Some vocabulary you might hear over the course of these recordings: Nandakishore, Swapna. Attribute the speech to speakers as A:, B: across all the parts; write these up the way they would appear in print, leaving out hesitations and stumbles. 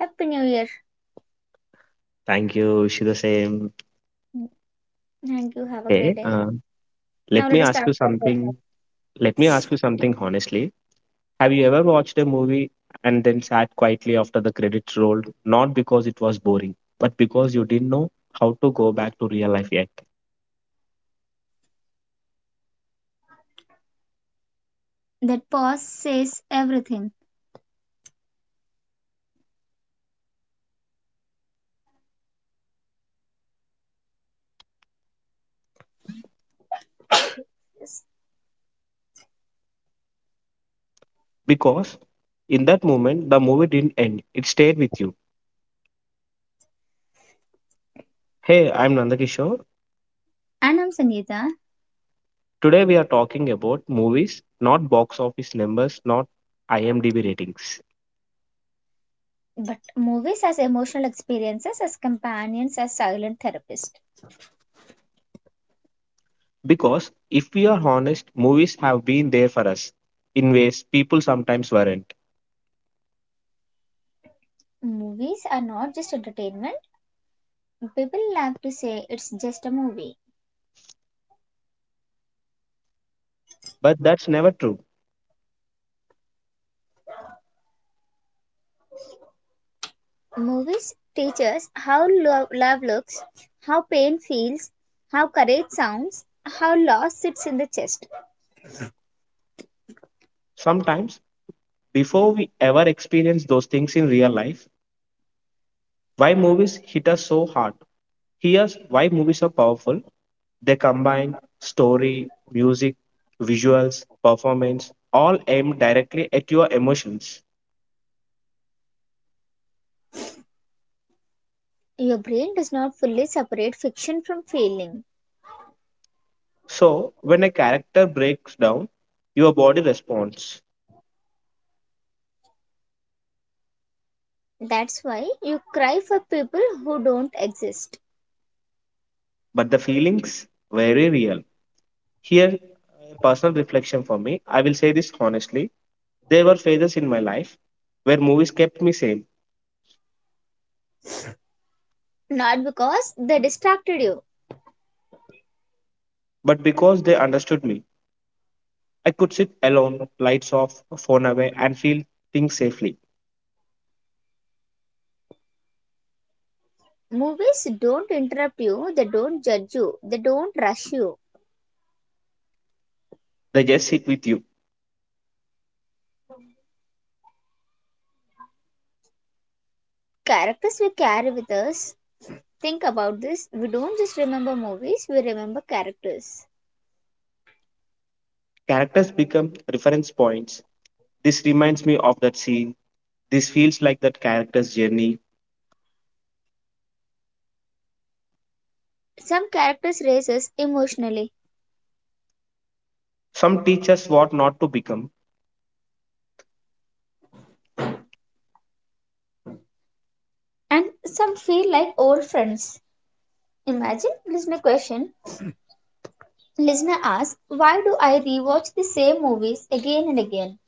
A: Happy New Year.
B: Thank you. She the same.
A: Thank you. Have a
B: Hey,
A: great day.
B: uh,
A: Now
B: Let
A: let
B: me
A: us
B: ask
A: start
B: you
A: the podcast.
B: something. Let me ask you something honestly. Have you ever watched a movie and then sat quietly after the credits rolled, not because it was boring, but because you didn't know how to go back to real life yet?
A: That pause says everything. Yes.
B: Because in that moment, the movie didn't end. It stayed with you. Hey, I'm Nandakishore.
A: And I'm Sangeeta.
B: Today we are talking about movies, not box office numbers, not IMDb ratings.
A: But movies as emotional experiences, as companions, as silent therapists.
B: Because if we are honest, movies have been there for us in ways people sometimes weren't.
A: Movies are not just entertainment. People love to say it's just a movie.
B: But that's never true.
A: Movies teach us how love looks, how pain feels, how courage sounds, how loss sits in the chest.
B: Sometimes, before we ever experience those things in real life, why movies hit us so hard. Here's why movies are powerful, they combine story, music, visuals, performance, all aimed directly at your emotions.
A: Your brain does not fully separate fiction from feeling.
B: So, when a character breaks down, your body responds,
A: That's why you cry for people who don't exist.
B: but the feelings very real. Here, a personal reflection for me, I will say this honestly. There were phases in my life where movies kept me sane,
A: Not because they distracted you.
B: but because they understood me, I could sit alone, lights off, phone away, and feel things safely.
A: Movies don't interrupt you, they don't judge you, they don't rush you.
B: They just sit with you.
A: Characters we carry with us. Think about this. We don't just remember movies, we remember characters.
B: Characters become reference points. This reminds me of that scene. This feels like that character's journey.
A: Some characters raise us emotionally,
B: Some teach us what not to become
A: and some feel like old friends. Imagine, listen to my question. Listener asks, why do I rewatch the same movies again and again?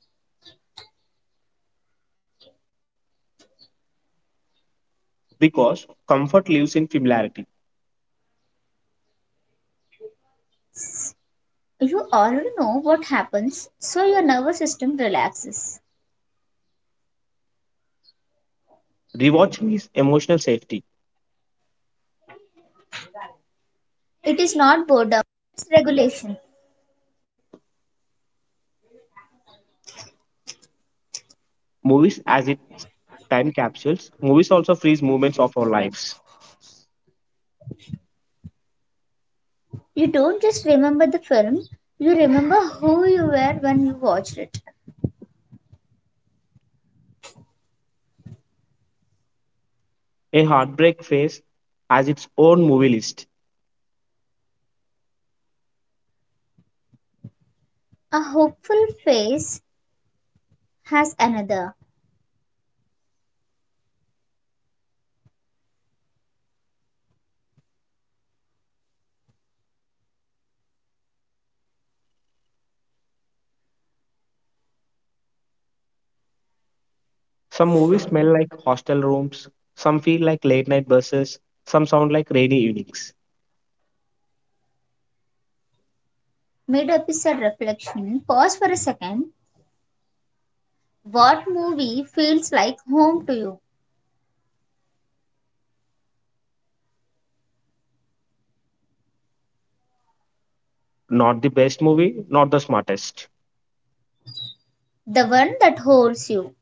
B: because comfort lives in familiarity.
A: You already know what happens, so your nervous system relaxes.
B: Rewatching is emotional safety. Movies as its time capsules, movies also freeze moments of our lives.
A: You don't just remember the film, you remember who you were when you watched it.
B: A heartbreak phase has its own movie list.
A: A hopeful face has another.
B: Some movies smell like hostel rooms, some feel like late night buses, some sound like rainy evenings.
A: Mid episode reflection, pause for a second. What movie feels like home to you?
B: Not the best movie, not the smartest.
A: The one that holds you.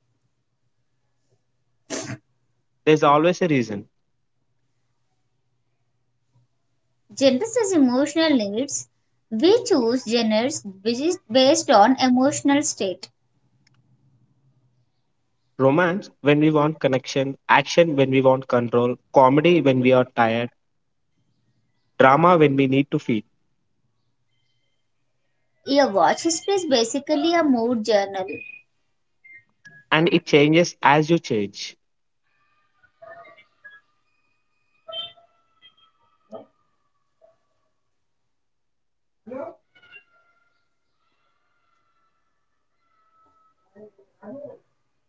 B: There's always a reason.
A: Genres as emotional needs. We choose genres based on emotional state.
B: Romance when we want connection, action when we want control, comedy when we are tired, drama when we need to feed.
A: A watch history is basically a mood journal.
B: And it changes as you change.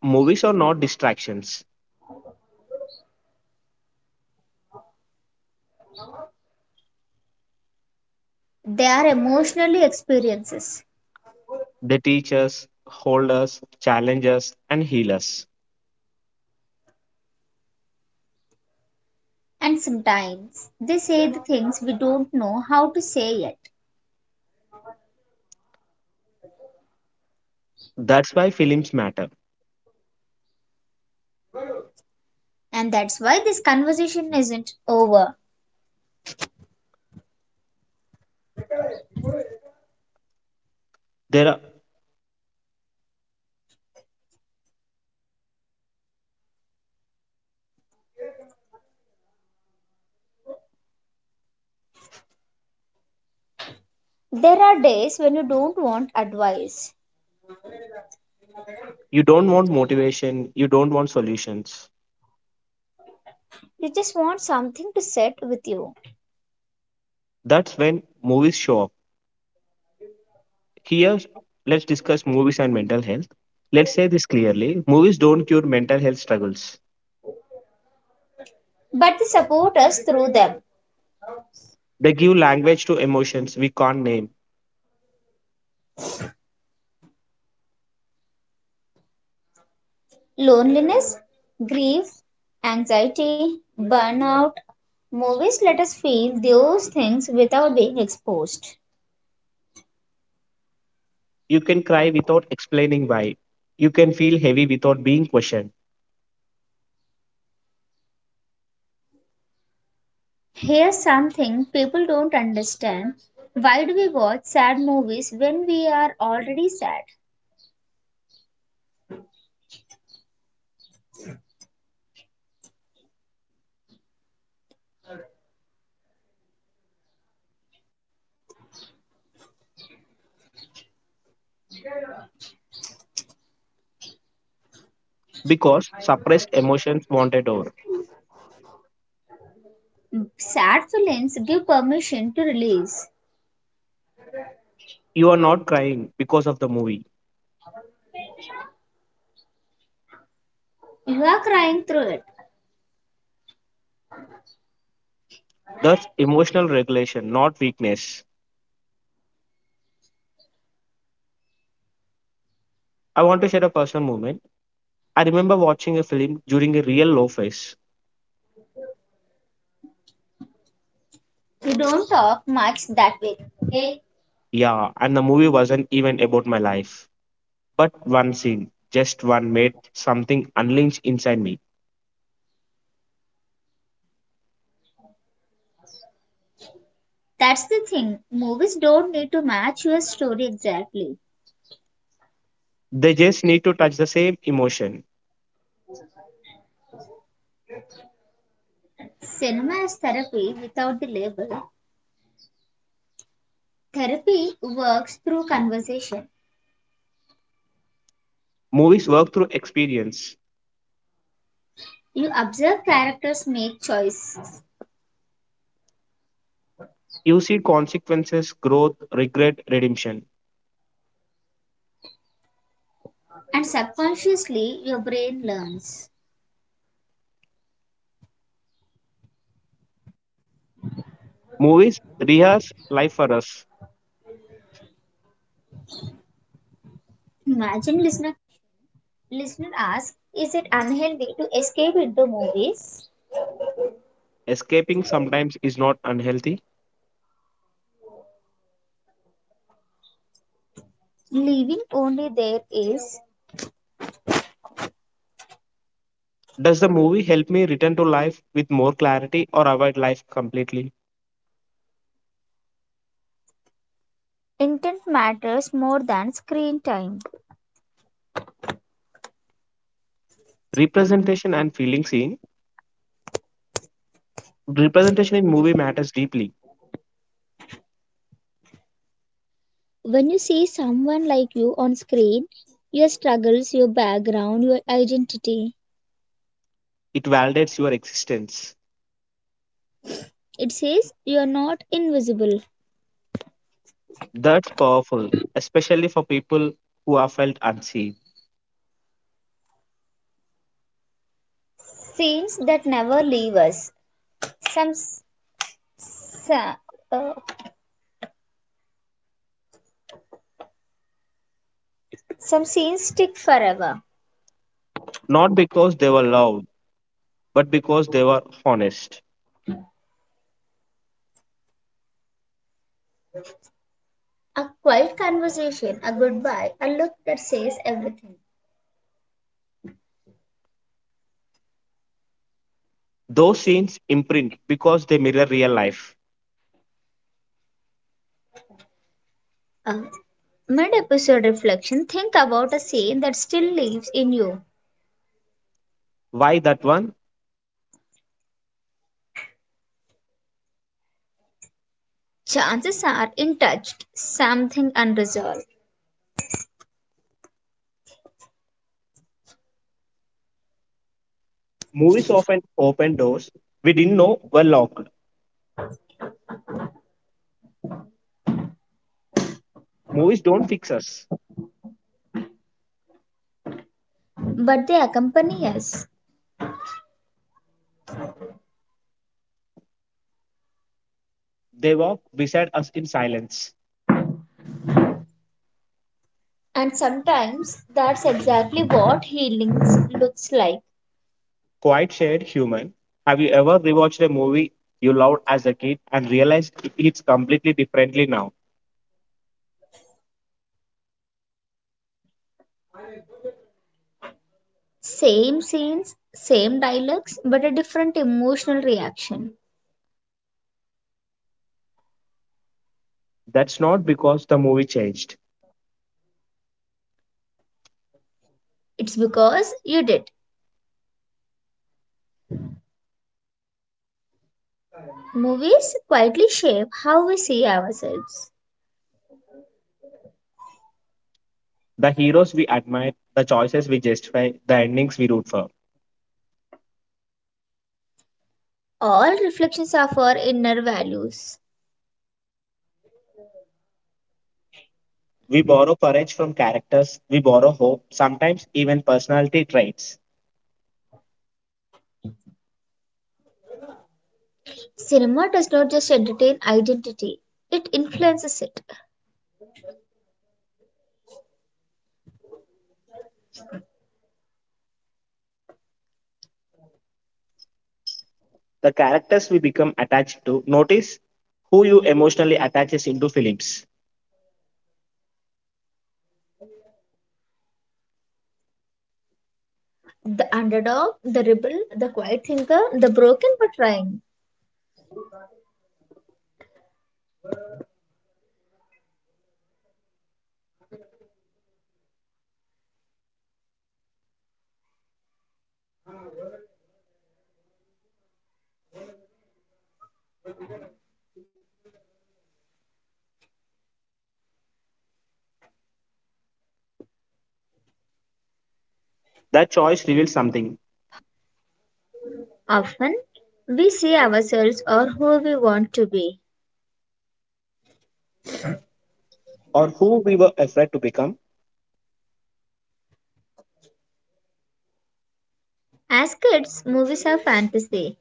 B: Movies are not distractions.
A: They are emotionally experiences.
B: They teach us, hold us, challenge us, and heal us.
A: And sometimes they say the things we don't know how to say yet.
B: That's why films matter.
A: And that's why this conversation isn't over.
B: There are,
A: There are days when you don't want advice,
B: you don't want motivation, you don't want solutions.
A: you just want something to sit with you.
B: That's when movies show up. Here, let's discuss movies and mental health. Let's say this clearly, movies don't cure mental health struggles,
A: But they support us through them,
B: they give language to emotions we can't name.
A: loneliness, grief, anxiety, burnout. Movies let us feel those things without being exposed.
B: You can cry without explaining why, you can feel heavy without being questioned
A: Here's something people don't understand. Why do we watch sad movies when we are already sad?
B: because suppressed emotions wanted over.
A: Sad feelings give permission to release.
B: You are not crying because of the movie.
A: You are crying through it.
B: That's emotional regulation, not weakness. I want to share a personal moment. I remember watching a film during a real low phase.
A: You don't talk much that way. Hey,
B: Yeah, and the movie wasn't even about my life. But one scene, just one made something unleash inside me.
A: that's the thing. Movies don't need to match your story exactly.
B: They just need to touch the same emotion.
A: Cinema is therapy without the label. Therapy works through conversation.
B: Movies work through experience.
A: You observe characters make choices,
B: You see consequences, growth, regret, redemption.
A: and subconsciously your brain learns.
B: Movies rehearse life for us.
A: Escape into movies,
B: Escaping sometimes is not unhealthy.
A: leaving only there is
B: Does the movie help me return to life with more clarity or avoid life completely?
A: intent matters more than screen time.
B: Representation and feeling seen. Representation in movie matters deeply.
A: When you see someone like you on screen, your struggles, your background, your identity,
B: It validates your existence.
A: it says you are not invisible.
B: That's powerful, especially for people who have felt unseen.
A: Scenes that never leave us. Some uh, some scenes stick forever.
B: Not because they were loved, but because they were honest.
A: A quiet conversation, a goodbye, a look that says everything.
B: Those scenes imprint because they mirror real life.
A: Uh, Mid episode reflection, think about a scene that still lives in you.
B: Why that one?
A: Chances are untouched, something unresolved,
B: Movies often open doors we didn't know were locked. Movies don't fix us.
A: but they accompany us.
B: They walk beside us in silence.
A: And sometimes that's exactly what healing looks like.
B: Quiet Shared Human. Have you ever rewatched a movie you loved as a kid and realized it's completely differently now?
A: Same scenes, same dialogues, but a different emotional reaction.
B: That's not because the movie changed.
A: It's because you did. Movies quietly shape how we see ourselves.
B: The heroes we admire, the choices we justify, the endings we root for.
A: All reflections of our inner values.
B: We borrow courage from characters, we borrow hope, sometimes even personality traits.
A: Cinema does not just entertain identity, it influences it.
B: The characters we become attached to, notice who you emotionally attaches into films.
A: The underdog, the rebel, the quiet thinker, the broken but trying.
B: That choice reveals something,
A: Often, we see ourselves or who we want to be.
B: or who we were afraid to become.
A: As kids, movies are fantasy.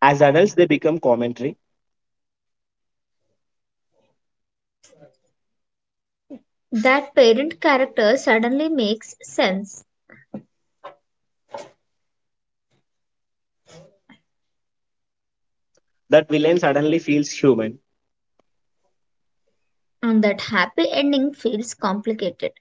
B: As adults, they become commentary,
A: That parent character suddenly makes sense,
B: that villain suddenly feels human
A: and that happy ending feels complicated.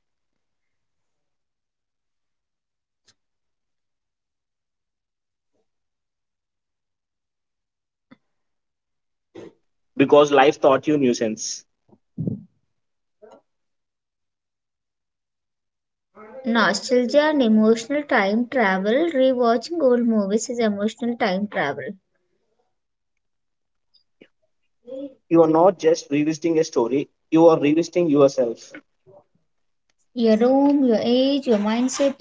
B: because life taught you nuisance.
A: Nostalgia and emotional time travel, rewatching old movies is emotional time travel.
B: You are not just revisiting a story, you are revisiting yourself.
A: Your room, your age, your mindset.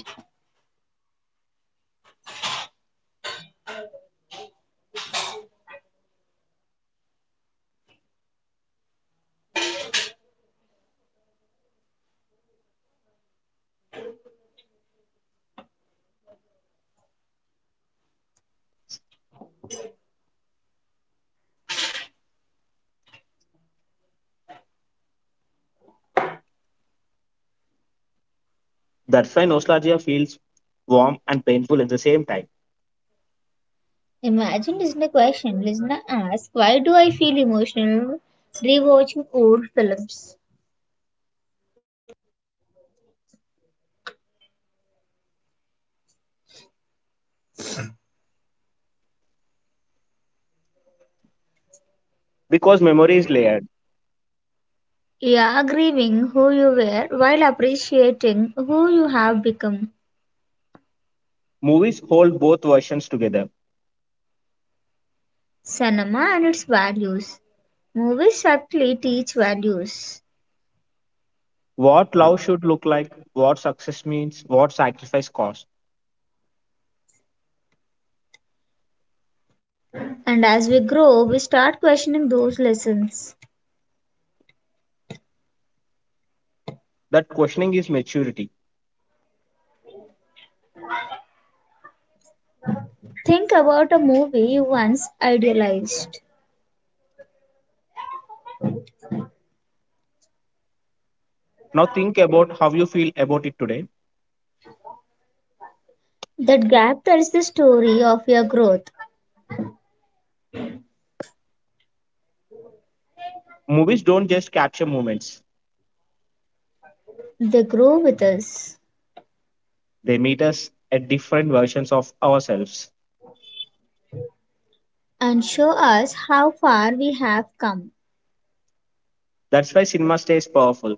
B: That's why nostalgia feels warm and painful at the same time
A: Imagine listener question. Listener asks, why do I feel emotional rewatching old films?
B: because memory is layered.
A: You are grieving who you were while appreciating who you have become.
B: Movies hold both versions together.
A: Cinema and its values. Movies subtly teach values.
B: What love should look like, what success means, what sacrifice costs.
A: And as we grow, we start questioning those lessons.
B: That questioning is maturity.
A: Think about a movie you once idealized.
B: Now think about how you feel about it today.
A: That gap tells the story of your growth.
B: Movies don't just capture moments,
A: They grow with us,
B: they meet us at different versions of ourselves.
A: and show us how far we have come.
B: That's why cinema stays powerful.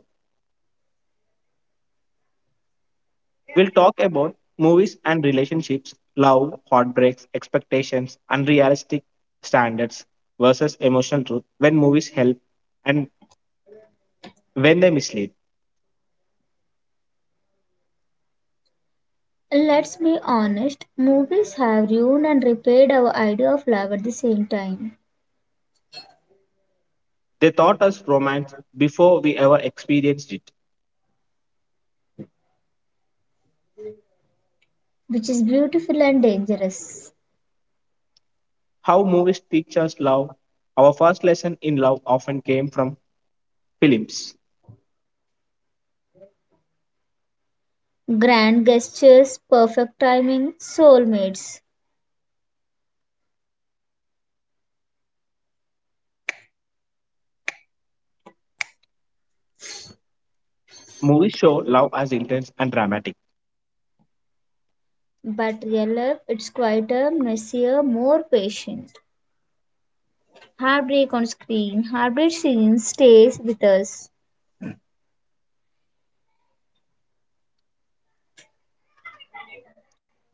B: We'll talk about movies and relationships, love, heartbreaks, expectations, unrealistic standards versus emotional truth, when movies help and when they mislead.
A: Let's be honest, movies have ruined and repaired our idea of love at the same time,
B: They taught us romance before we ever experienced it.
A: which is beautiful and dangerous.
B: How movies teach us love. Our first lesson in love often came from films.
A: Grand gestures, perfect timing, soulmates.
B: Movies show love as intense and dramatic
A: But real love, it's quieter, messier, more patient. Heartbreak on screen, heartbreak scene stays with us.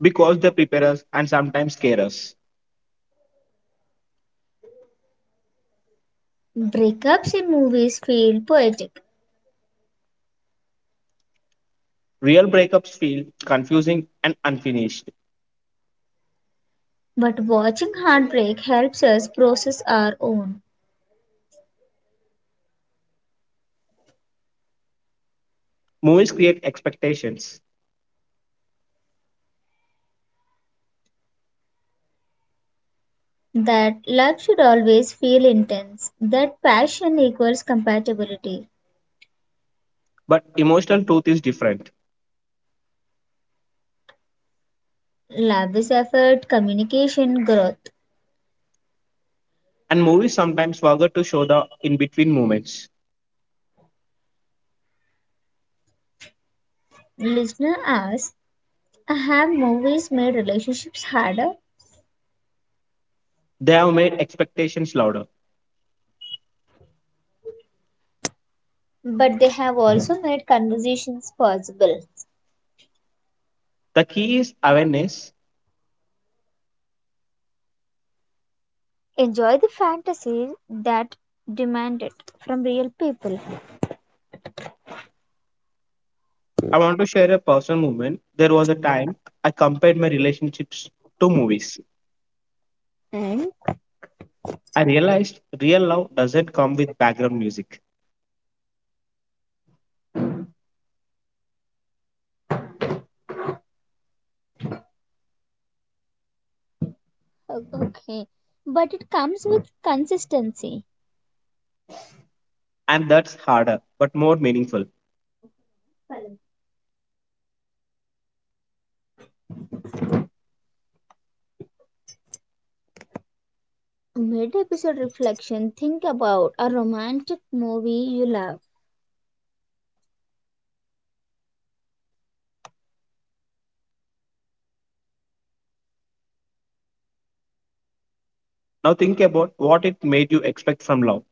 B: because they prepare us and sometimes scare us.
A: Breakups in movies feel poetic,
B: Real breakups feel confusing and unfinished.
A: but watching heartbreak helps us process our own.
B: Movies create expectations.
A: That love should always feel intense, that passion equals compatibility.
B: But emotional truth is different.
A: Love is effort, communication, growth.
B: And movies sometimes forget to show the in between moments.
A: Listener asks, have movies made relationships harder?
B: They have made expectations louder.
A: But they have also made conversations possible.
B: The key is awareness.
A: Enjoy the fantasy that demand it from real people.
B: I want to share a personal moment. There was a time I compared my relationships to movies.
A: And
B: I realized real love doesn't come with background music.
A: okay, but it comes with consistency.
B: And that's harder, but more meaningful.
A: Mid episode reflection, think about a romantic movie you love.
B: Now think about what it made you expect from love.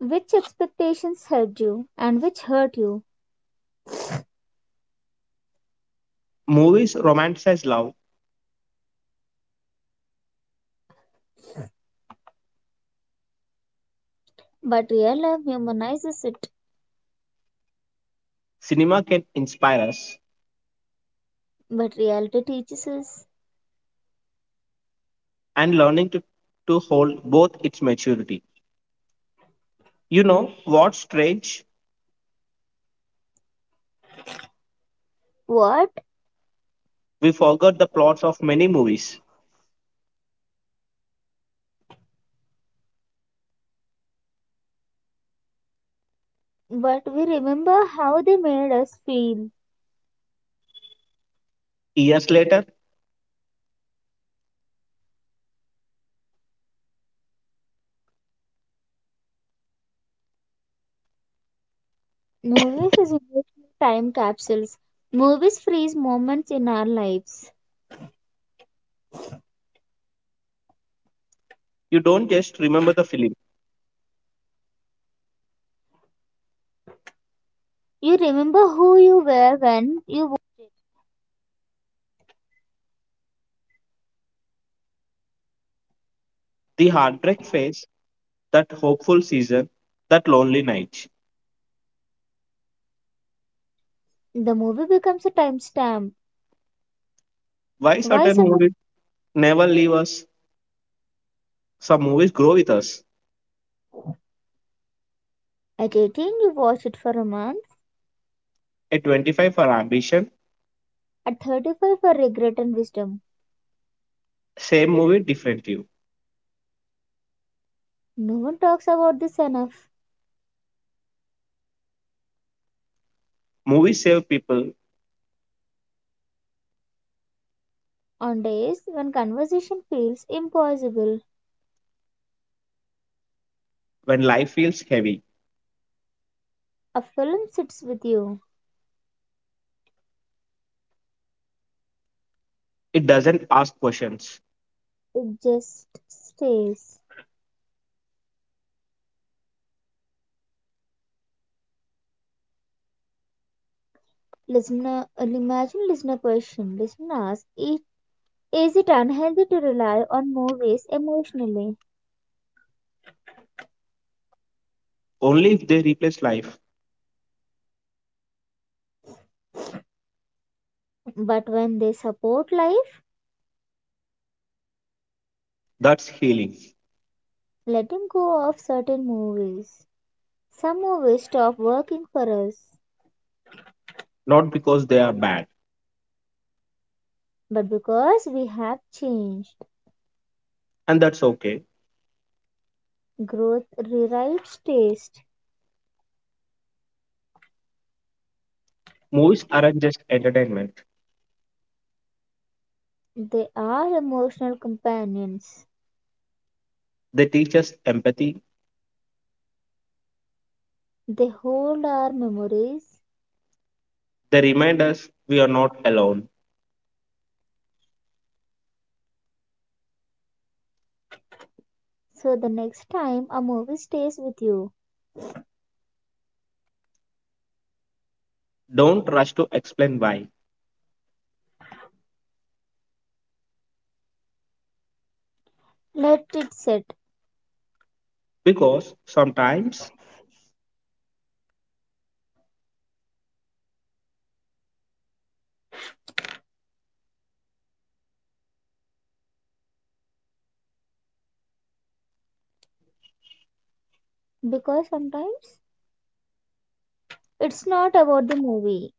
A: Which expectations helped you and which hurt you,
B: Movies romanticize love,
A: but real love humanizes it,
B: cinema can inspire us,
A: but reality teaches us.
B: and learning to hold both its maturity. You know what's strange? We forgot the plots of many movies.
A: But we remember how they made us feel.
B: Years later,
A: Movies is emotional time capsules. Movies freeze moments in our lives.
B: you don't just remember the film, the heartbreak phase, that hopeful season, that lonely night.
A: The movie becomes a timestamp.
B: Why
A: Why
B: certain
A: sudden?
B: movies never leave us? Some movies grow with us.
A: At 18, you watch it for a month.
B: At 25 for ambition,
A: At 35, for regret and wisdom.
B: same movie, different you.
A: No one talks about this enough.
B: Movies save people
A: On days when conversation feels impossible,
B: when life feels heavy.
A: a film sits with you.
B: It doesn't ask questions.
A: It just stays. Listener, imagine listener question. Listener asks, is it unhealthy to rely on movies emotionally?
B: Only if they replace life,
A: But when they support life,
B: that's healing,
A: letting go of certain movies. Some movies stop working for us.
B: not because they are bad.
A: But because we have changed,
B: And that's okay.
A: growth rewrites taste.
B: Movies aren't just entertainment.
A: They are emotional companions.
B: They teach us empathy.
A: They hold our memories.
B: They remind us we are not alone.
A: So the next time a movie stays with you.
B: Don't rush to explain why, because sometimes
A: Because sometimes it's not about the movie.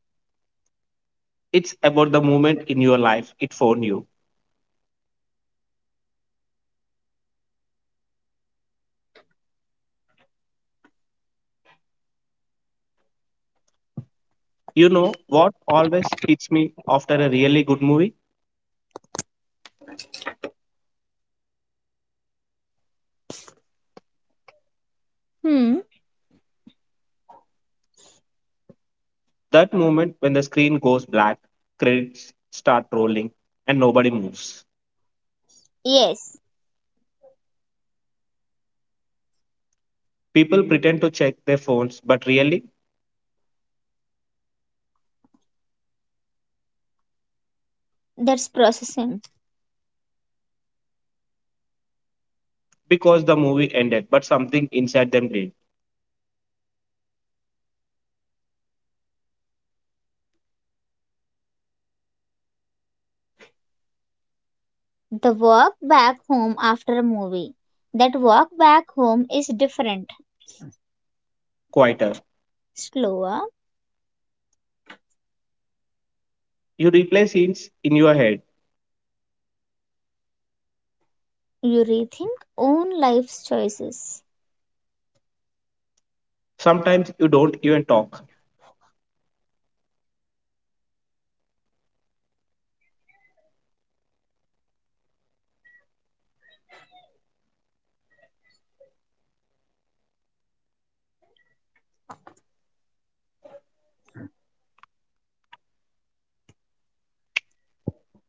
B: it's about the moment in your life it found you. You know what always hits me after a really good movie?
A: Hmm.
B: That moment when the screen goes black, credits start rolling, and nobody moves.
A: Yes,
B: People pretend to check their phones, but really,
A: that's processing.
B: because the movie ended, but something inside them did.
A: The walk back home after a movie. That walk back home is different,
B: Quieter.
A: slower.
B: You replay scenes in your head.
A: You rethink own life's choices.
B: Sometimes you don't even talk.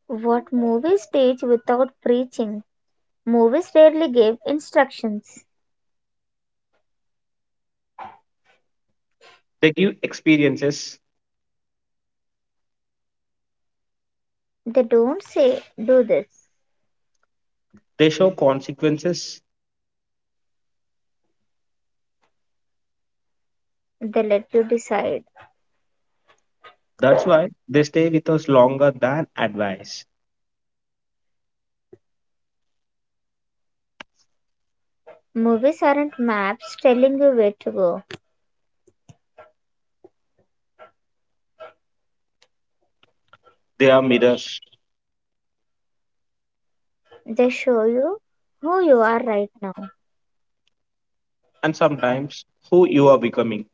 A: What movies teach without preaching. Movies rarely give instructions.
B: They give experiences,
A: They don't say, do this.
B: they show consequences.
A: They let you decide.
B: That's why they stay with us longer than advice.
A: Movies aren't maps telling you where to go,
B: They are mirrors
A: they show you who you are right now.
B: and sometimes who you are becoming.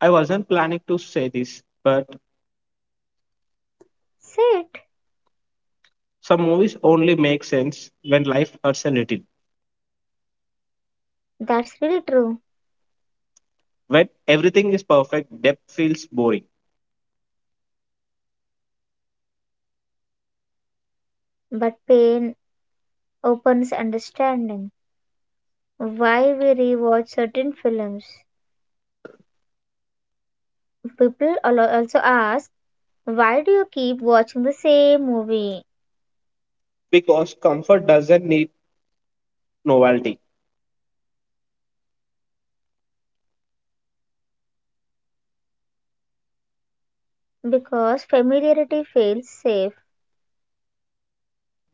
B: I wasn't planning to say this, but
A: Sit.
B: some movies only make sense when life hurts a little.
A: That's really true.
B: When everything is perfect, depth feels boring
A: But pain opens understanding. Why we rewatch certain films. People also ask, why do you keep watching the same movie?
B: because comfort doesn't need novelty.
A: Because familiarity feels safe.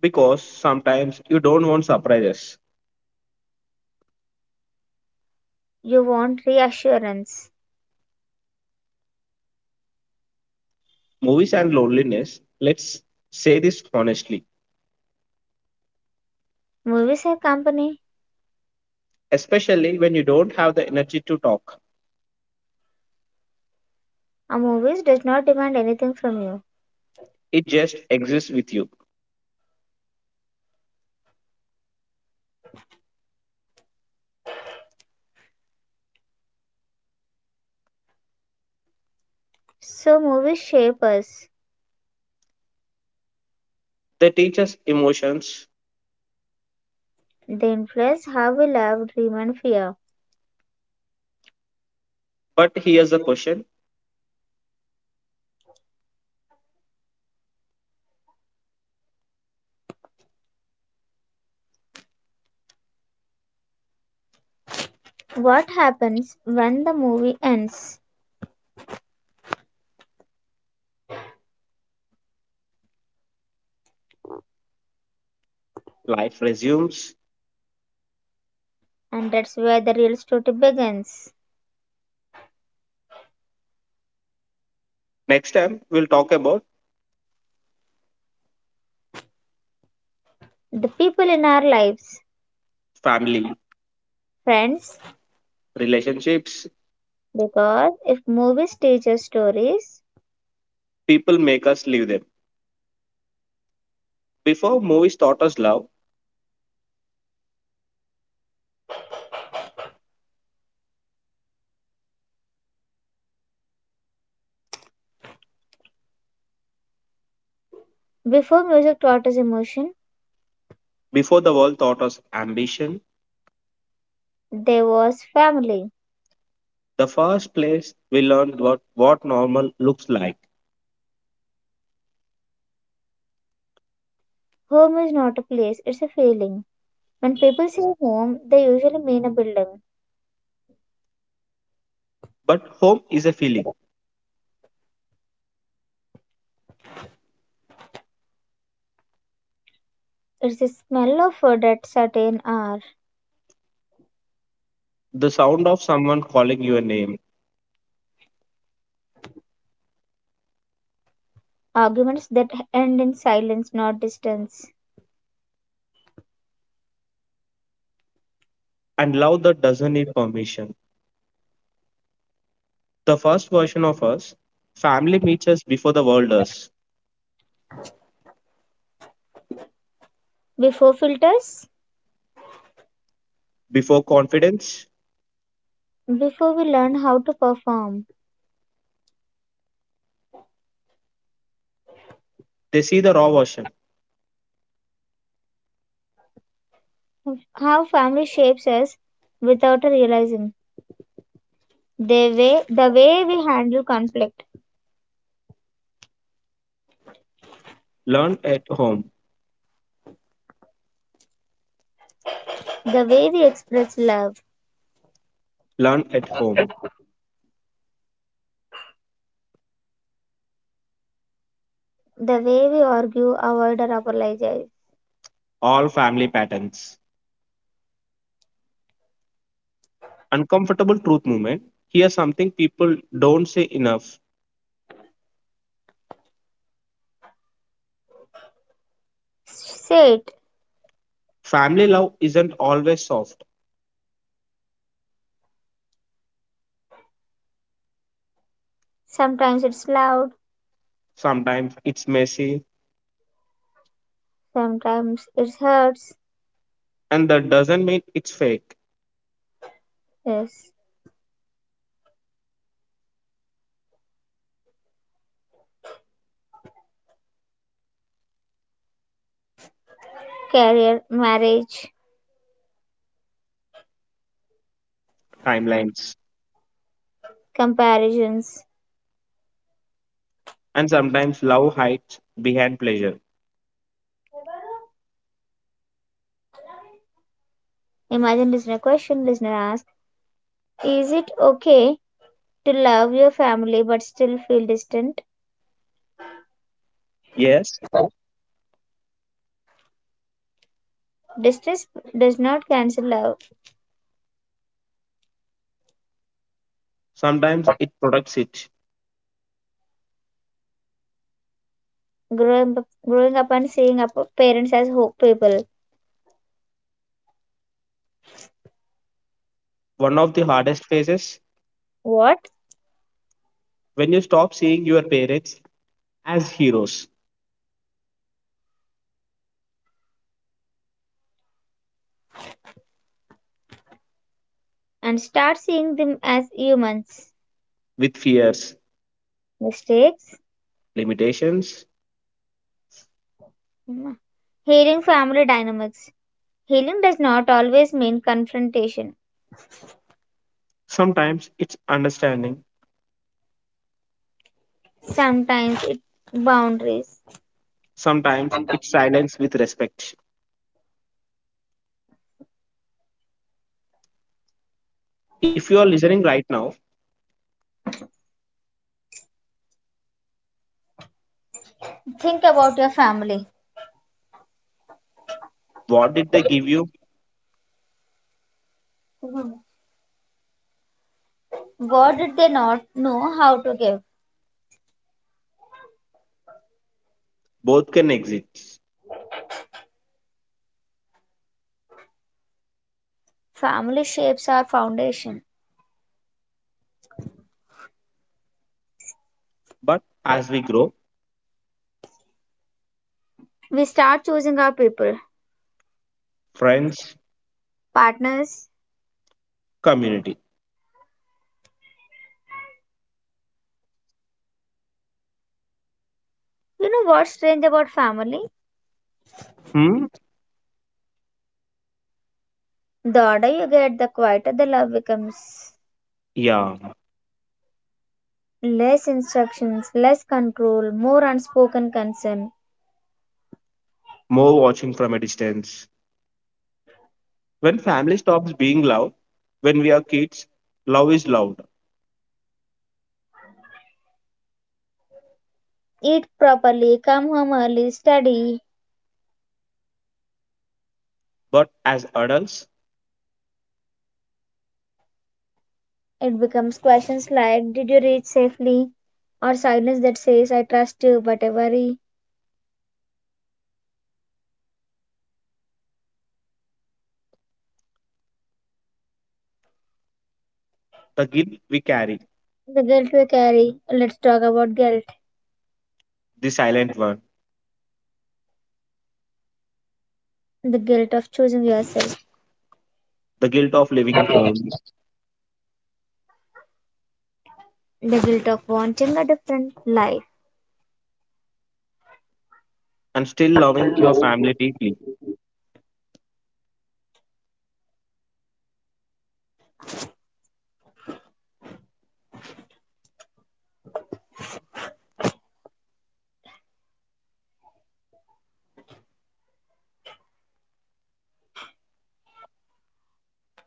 B: Because sometimes you don't want surprises.
A: You want reassurance.
B: Movies and loneliness, let's say this honestly
A: Movies have company.
B: especially when you don't have the energy to talk.
A: A movies does not demand anything from you.
B: It just exists with you.
A: So movies shape us.
B: They teach us emotions,
A: They influence how we love, dream and fear.
B: but here's the question,
A: What happens when the movie ends?
B: life resumes.
A: And that's where the real story begins.
B: Next time, we'll talk about
A: The people in our lives,
B: family,
A: friends,
B: relationships,
A: because if movies teach us stories,
B: people make us leave them. Before movies taught us love,
A: before music taught us emotion,
B: before the world taught us ambition,
A: there was family.
B: the first place we learned what normal looks like.
A: Home is not a place, it's a feeling. When people say home, they usually mean a building.
B: But home is a feeling,
A: It's the smell of food at certain hour,
B: the sound of someone calling your name,
A: arguments that end in silence, not distance.
B: and love that doesn't need permission. The first version of us, family meets us before the world does.
A: Before filters,
B: Before confidence,
A: before we learn how to perform,
B: they see the raw version.
A: how family shapes us without realizing. The way we handle conflict,
B: Learn at home,
A: the way we express love,
B: learn at home.
A: the way we argue avoid or apologize.
B: All family patterns. Uncomfortable truth movement. Here's something people don't say enough.
A: Say it.
B: Family love isn't always soft.
A: Sometimes it's loud,
B: Sometimes it's messy,
A: sometimes it hurts.
B: and that doesn't mean it's fake.
A: Yes, career marriage
B: Timelines.
A: comparisons.
B: And sometimes love hides behind pleasure.
A: Imagine listener question. Listener ask, is it okay to love your family but still feel distant?
B: Yes,
A: Distance does not cancel love.
B: sometimes it protects it.
A: Growing up and seeing up parents as hope people.
B: One of the hardest phases
A: What?
B: when you stop seeing your parents as heroes
A: And start seeing them as humans.
B: with fears,
A: Mistakes.
B: limitations.
A: Hmm. Healing family dynamics. Healing does not always mean confrontation,
B: Sometimes it's understanding,
A: sometimes it boundaries.
B: sometimes it's silence with respect. If you are listening right now,
A: Think about your family.
B: what did they give you?
A: What did they not know how to give?
B: Both can exist.
A: Family shapes our foundation.
B: But as we grow,
A: We start choosing our people,
B: friends,
A: partners.
B: community.
A: You know what's strange about family?
B: Hmm?
A: The older you get, the quieter the love becomes.
B: Yeah,
A: Less instructions, less control, more unspoken concern.
B: more watching from a distance. When family stops being loud, when we are kids, love is loud.
A: Eat properly, come home early, study.
B: But as adults,
A: It becomes questions like, did you reach safely? Or silence that says I trust you but I worry.
B: the guilt we carry,
A: The guilt we carry. Let's talk about guilt.
B: the silent one,
A: The guilt of choosing yourself.
B: the guilt of leaving home,
A: The guilt of wanting a different life.
B: and still loving your family deeply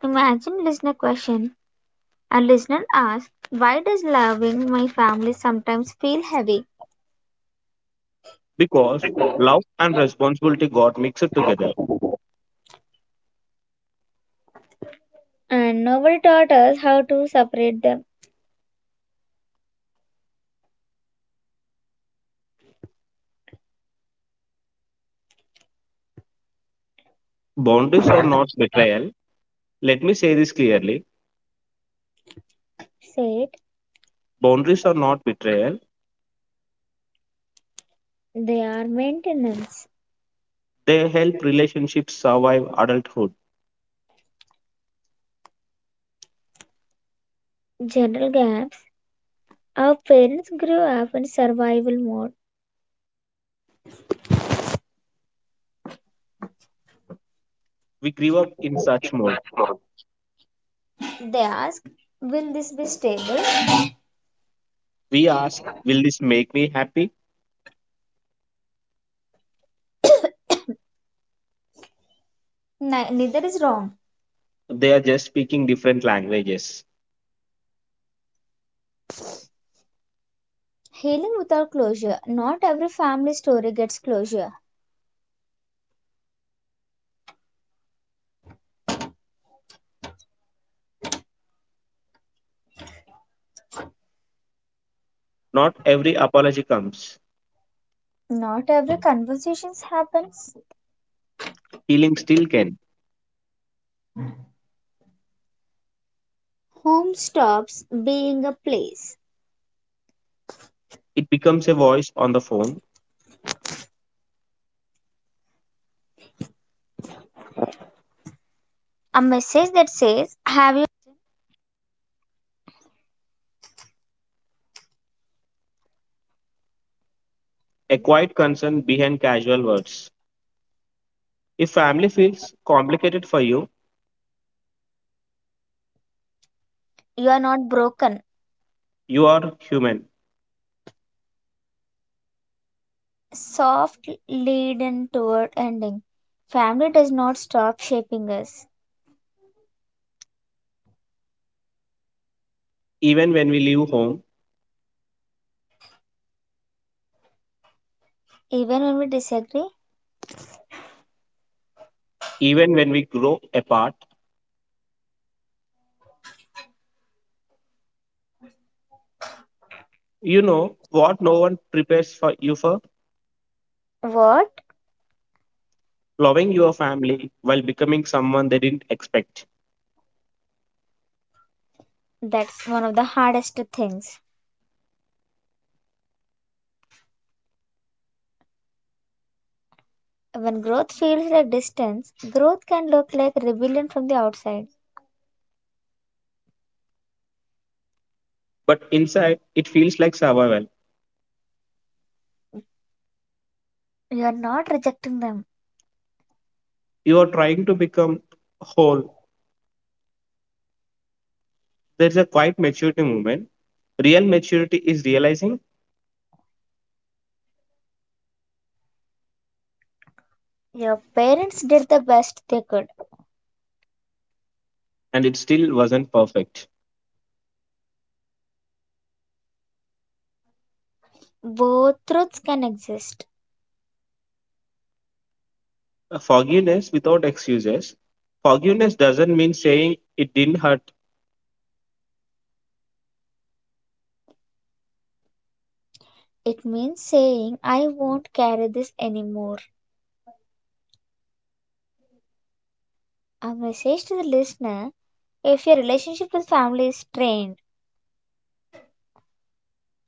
A: Imagine listener question. A listener asks, why does loving my family sometimes feel heavy?
B: because love and responsibility got mixed together.
A: And nobody taught us how to separate them.
B: Boundaries are not betrayal. Let me say this clearly,
A: Said
B: boundaries are not betrayal,
A: they are maintenance.
B: they help relationships survive adulthood.
A: General gap. Our parents grew up in survival mode.
B: We grew up in such mode.
A: They ask, will this be stable?
B: We ask, will this make me happy?
A: Neither is wrong.
B: They are just speaking different languages.
A: Healing without closure. Not every family story gets closure.
B: Not every apology comes.
A: Not every conversation happens.
B: Healing still can.
A: Home stops being a place
B: It becomes a voice on the phone, a quiet concern behind casual words. If family feels complicated for you, you are human, even when we leave home, even when we grow apart. You know what no one prepares for you for? Loving your family while becoming someone they didn't expect. But inside, it feels like survival. You are trying to become whole. There's a quiet maturity moment. Real maturity is realizing, and it still wasn't perfect. Forgiveness without excuses. Forgiveness doesn't mean saying it didn't hurt.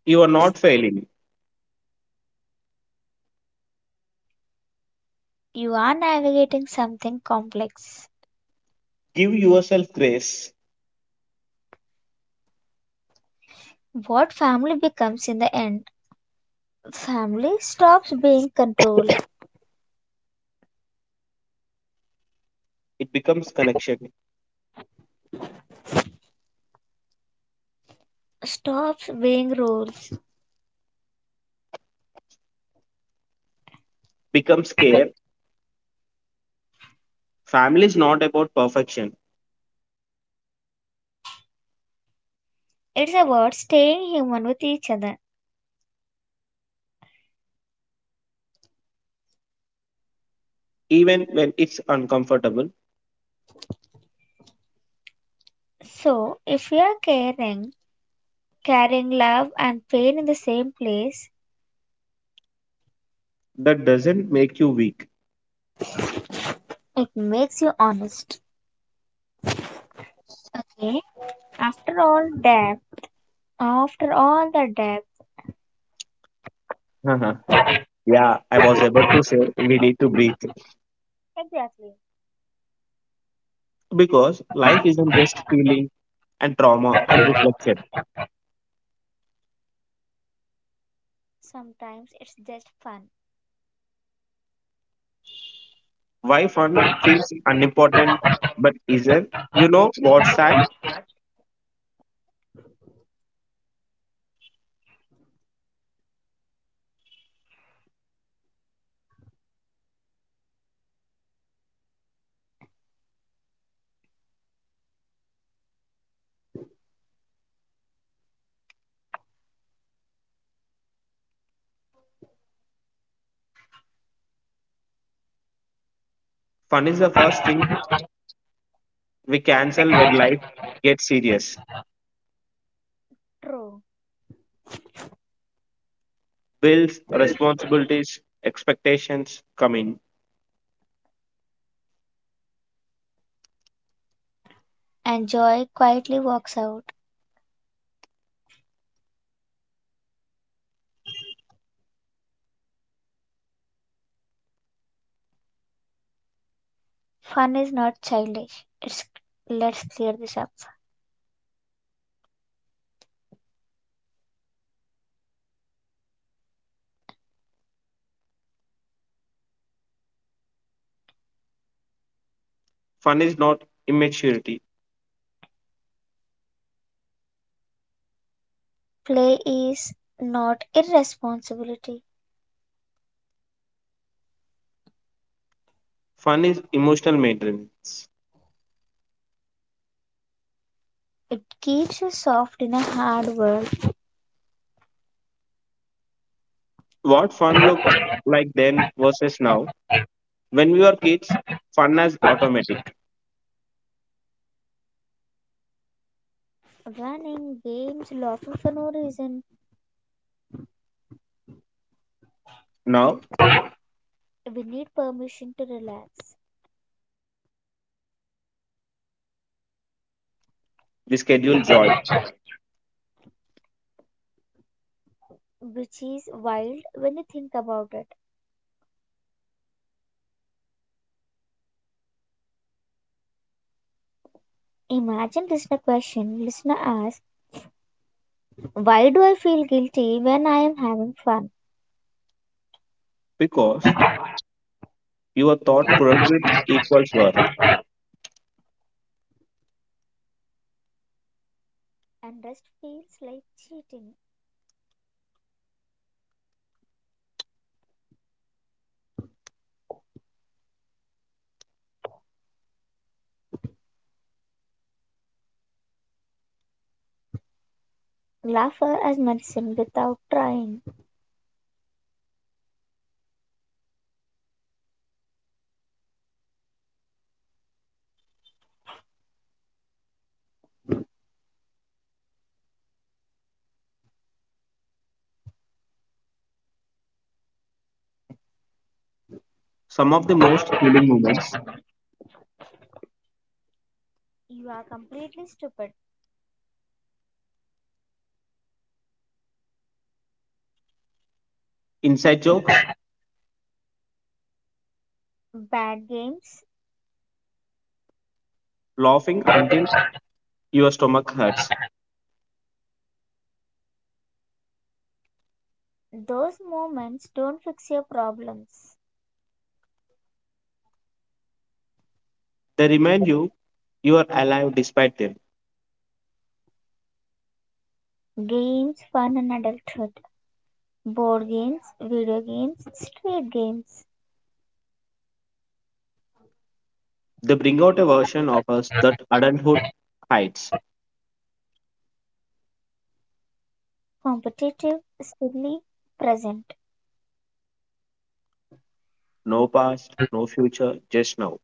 B: You are not failing. Give yourself grace. It becomes connection, becomes care. Family is not about perfection, even when it's uncomfortable, that doesn't make you weak. Uh-huh. Yeah, I was able to say we need to breathe because life isn't just healing and trauma and reflection. Why fun feels unimportant but isn't? You know what's sad, fun is the first thing we cancel when life gets serious. Bills, responsibilities, expectations come in. Fun is not immaturity. Fun is emotional maintenance. What fun looked like then versus now. When we were kids, fun was automatic. Now we schedule joy because you were taught productivity equals work. Some of the most healing moments, inside jokes, laughing until your stomach hurts. They remind you you are alive despite them. They bring out a version of us that adulthood hides. No past, no future, just now.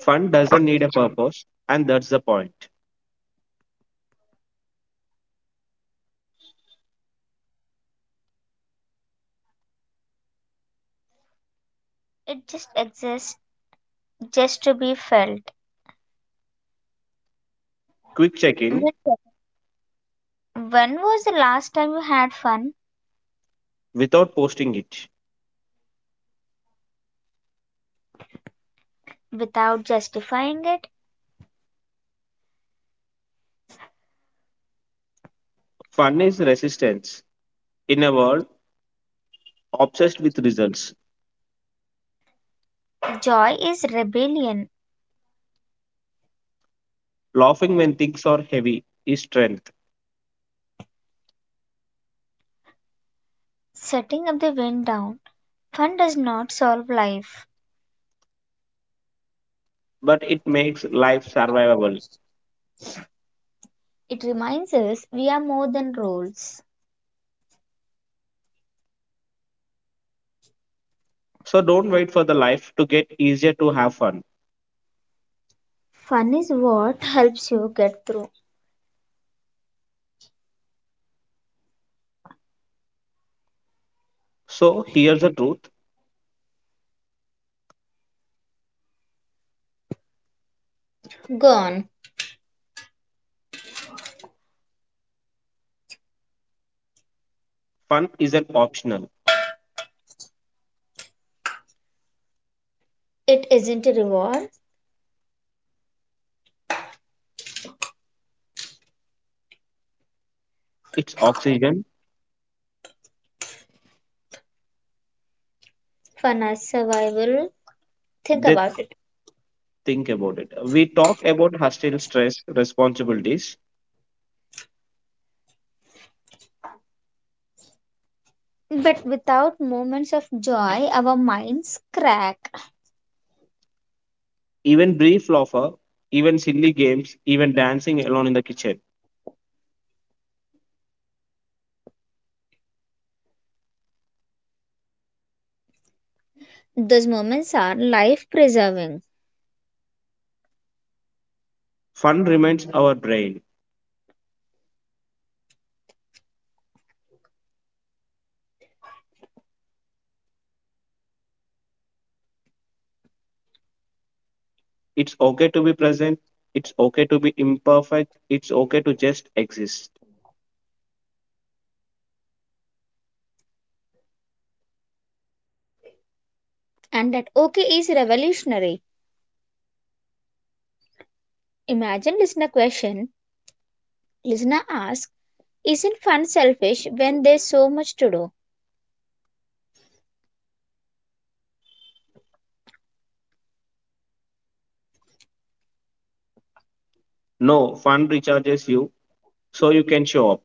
B: Fun doesn't need a purpose, and that's the point. Quick check-in without posting it. Fun is resistance in a world obsessed with results. Laughing when things are heavy is strength, but it makes life survivable. So don't wait for the life to get easier to have fun. So here's the truth. Fun isn't optional. It's oxygen. They think about it. We talk about hostile stress, responsibilities, even brief laughter, even silly games, even dancing alone in the kitchen. Fun reminds our brain it's okay to be present. It's okay to be imperfect. It's okay to just exist. No, fun recharges you so you can show up.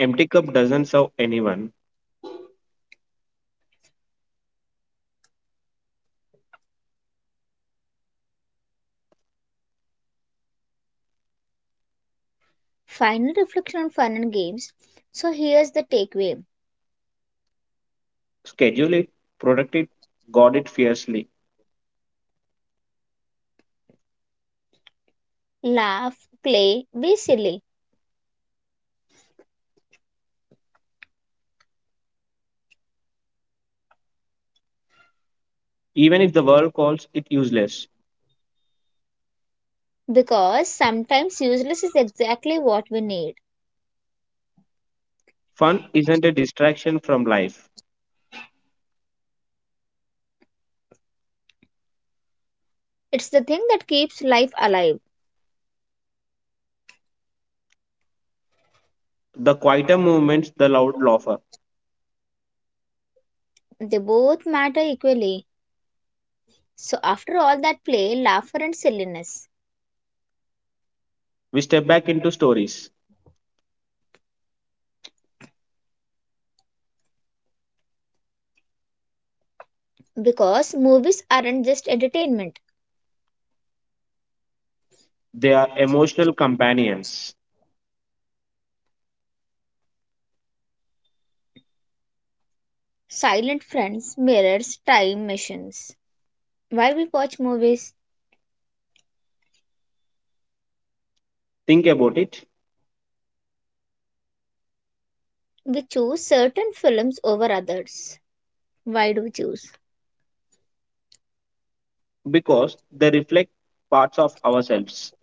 B: Empty cup doesn't serve anyone. Schedule it, protect it, guard it fiercely. Even if the world calls it useless, fun isn't a distraction from life. The quieter moments, the loud laugher. We step back into stories. They are emotional companions. Think about it because they reflect parts of ourselves,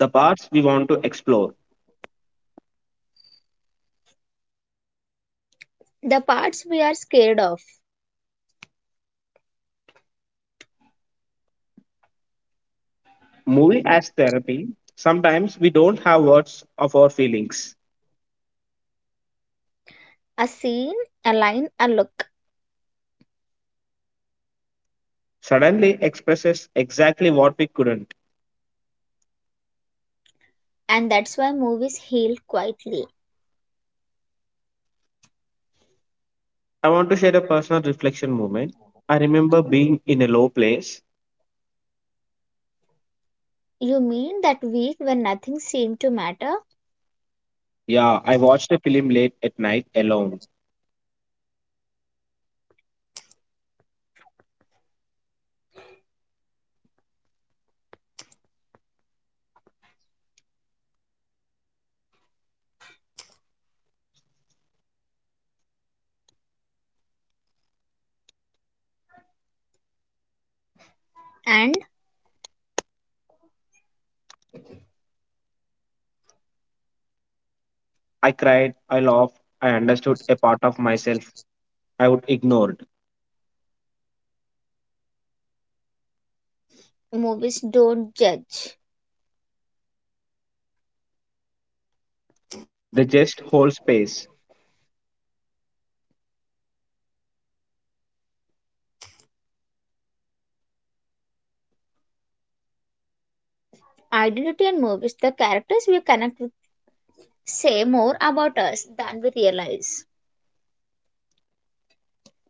B: the parts we want to explore. Movie as therapy, sometimes we don't have words of our feelings, suddenly expresses exactly what we couldn't. I want to share a personal reflection moment. I remember being in a low place. Yeah, I watched a film late at night alone. I cried, I laughed, I understood a part of myself I would ignored. They just hold space.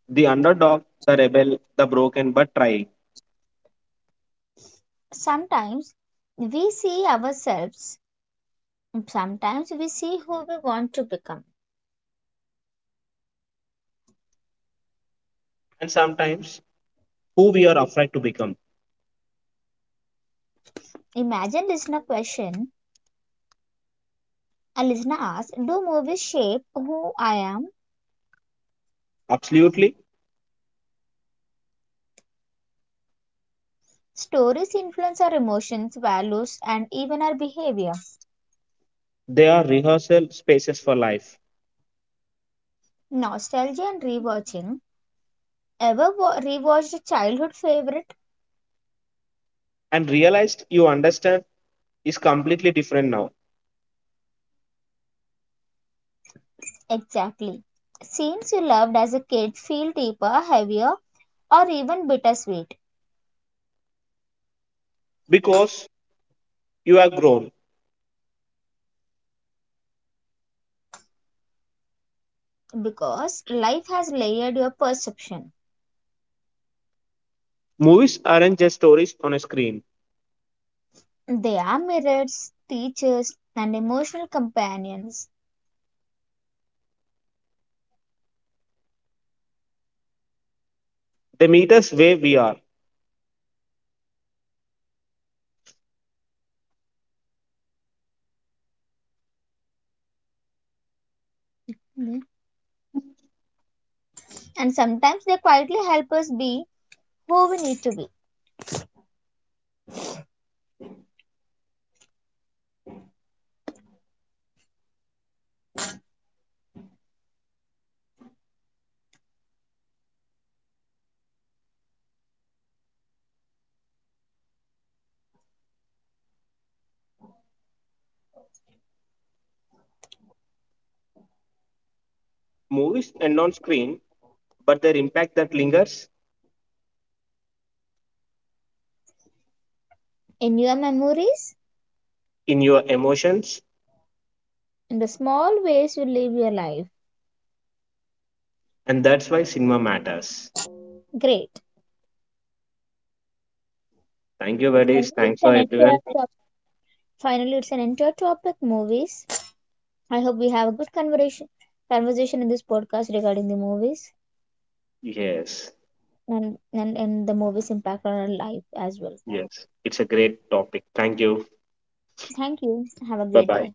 B: The underdog, the rebel, the broken but trying. And sometimes who we are afraid to become. Absolutely. They are rehearsal spaces for life and realized you understand is completely different now because you are grown. Movies aren't just stories on a screen, they meet us where we are. Movies end on screen, but their impact that lingers in your emotions, and that's why cinema matters. Thank you buddies, thanks for everyone. Yes, yes, it's a great topic. Thank you. Bye bye.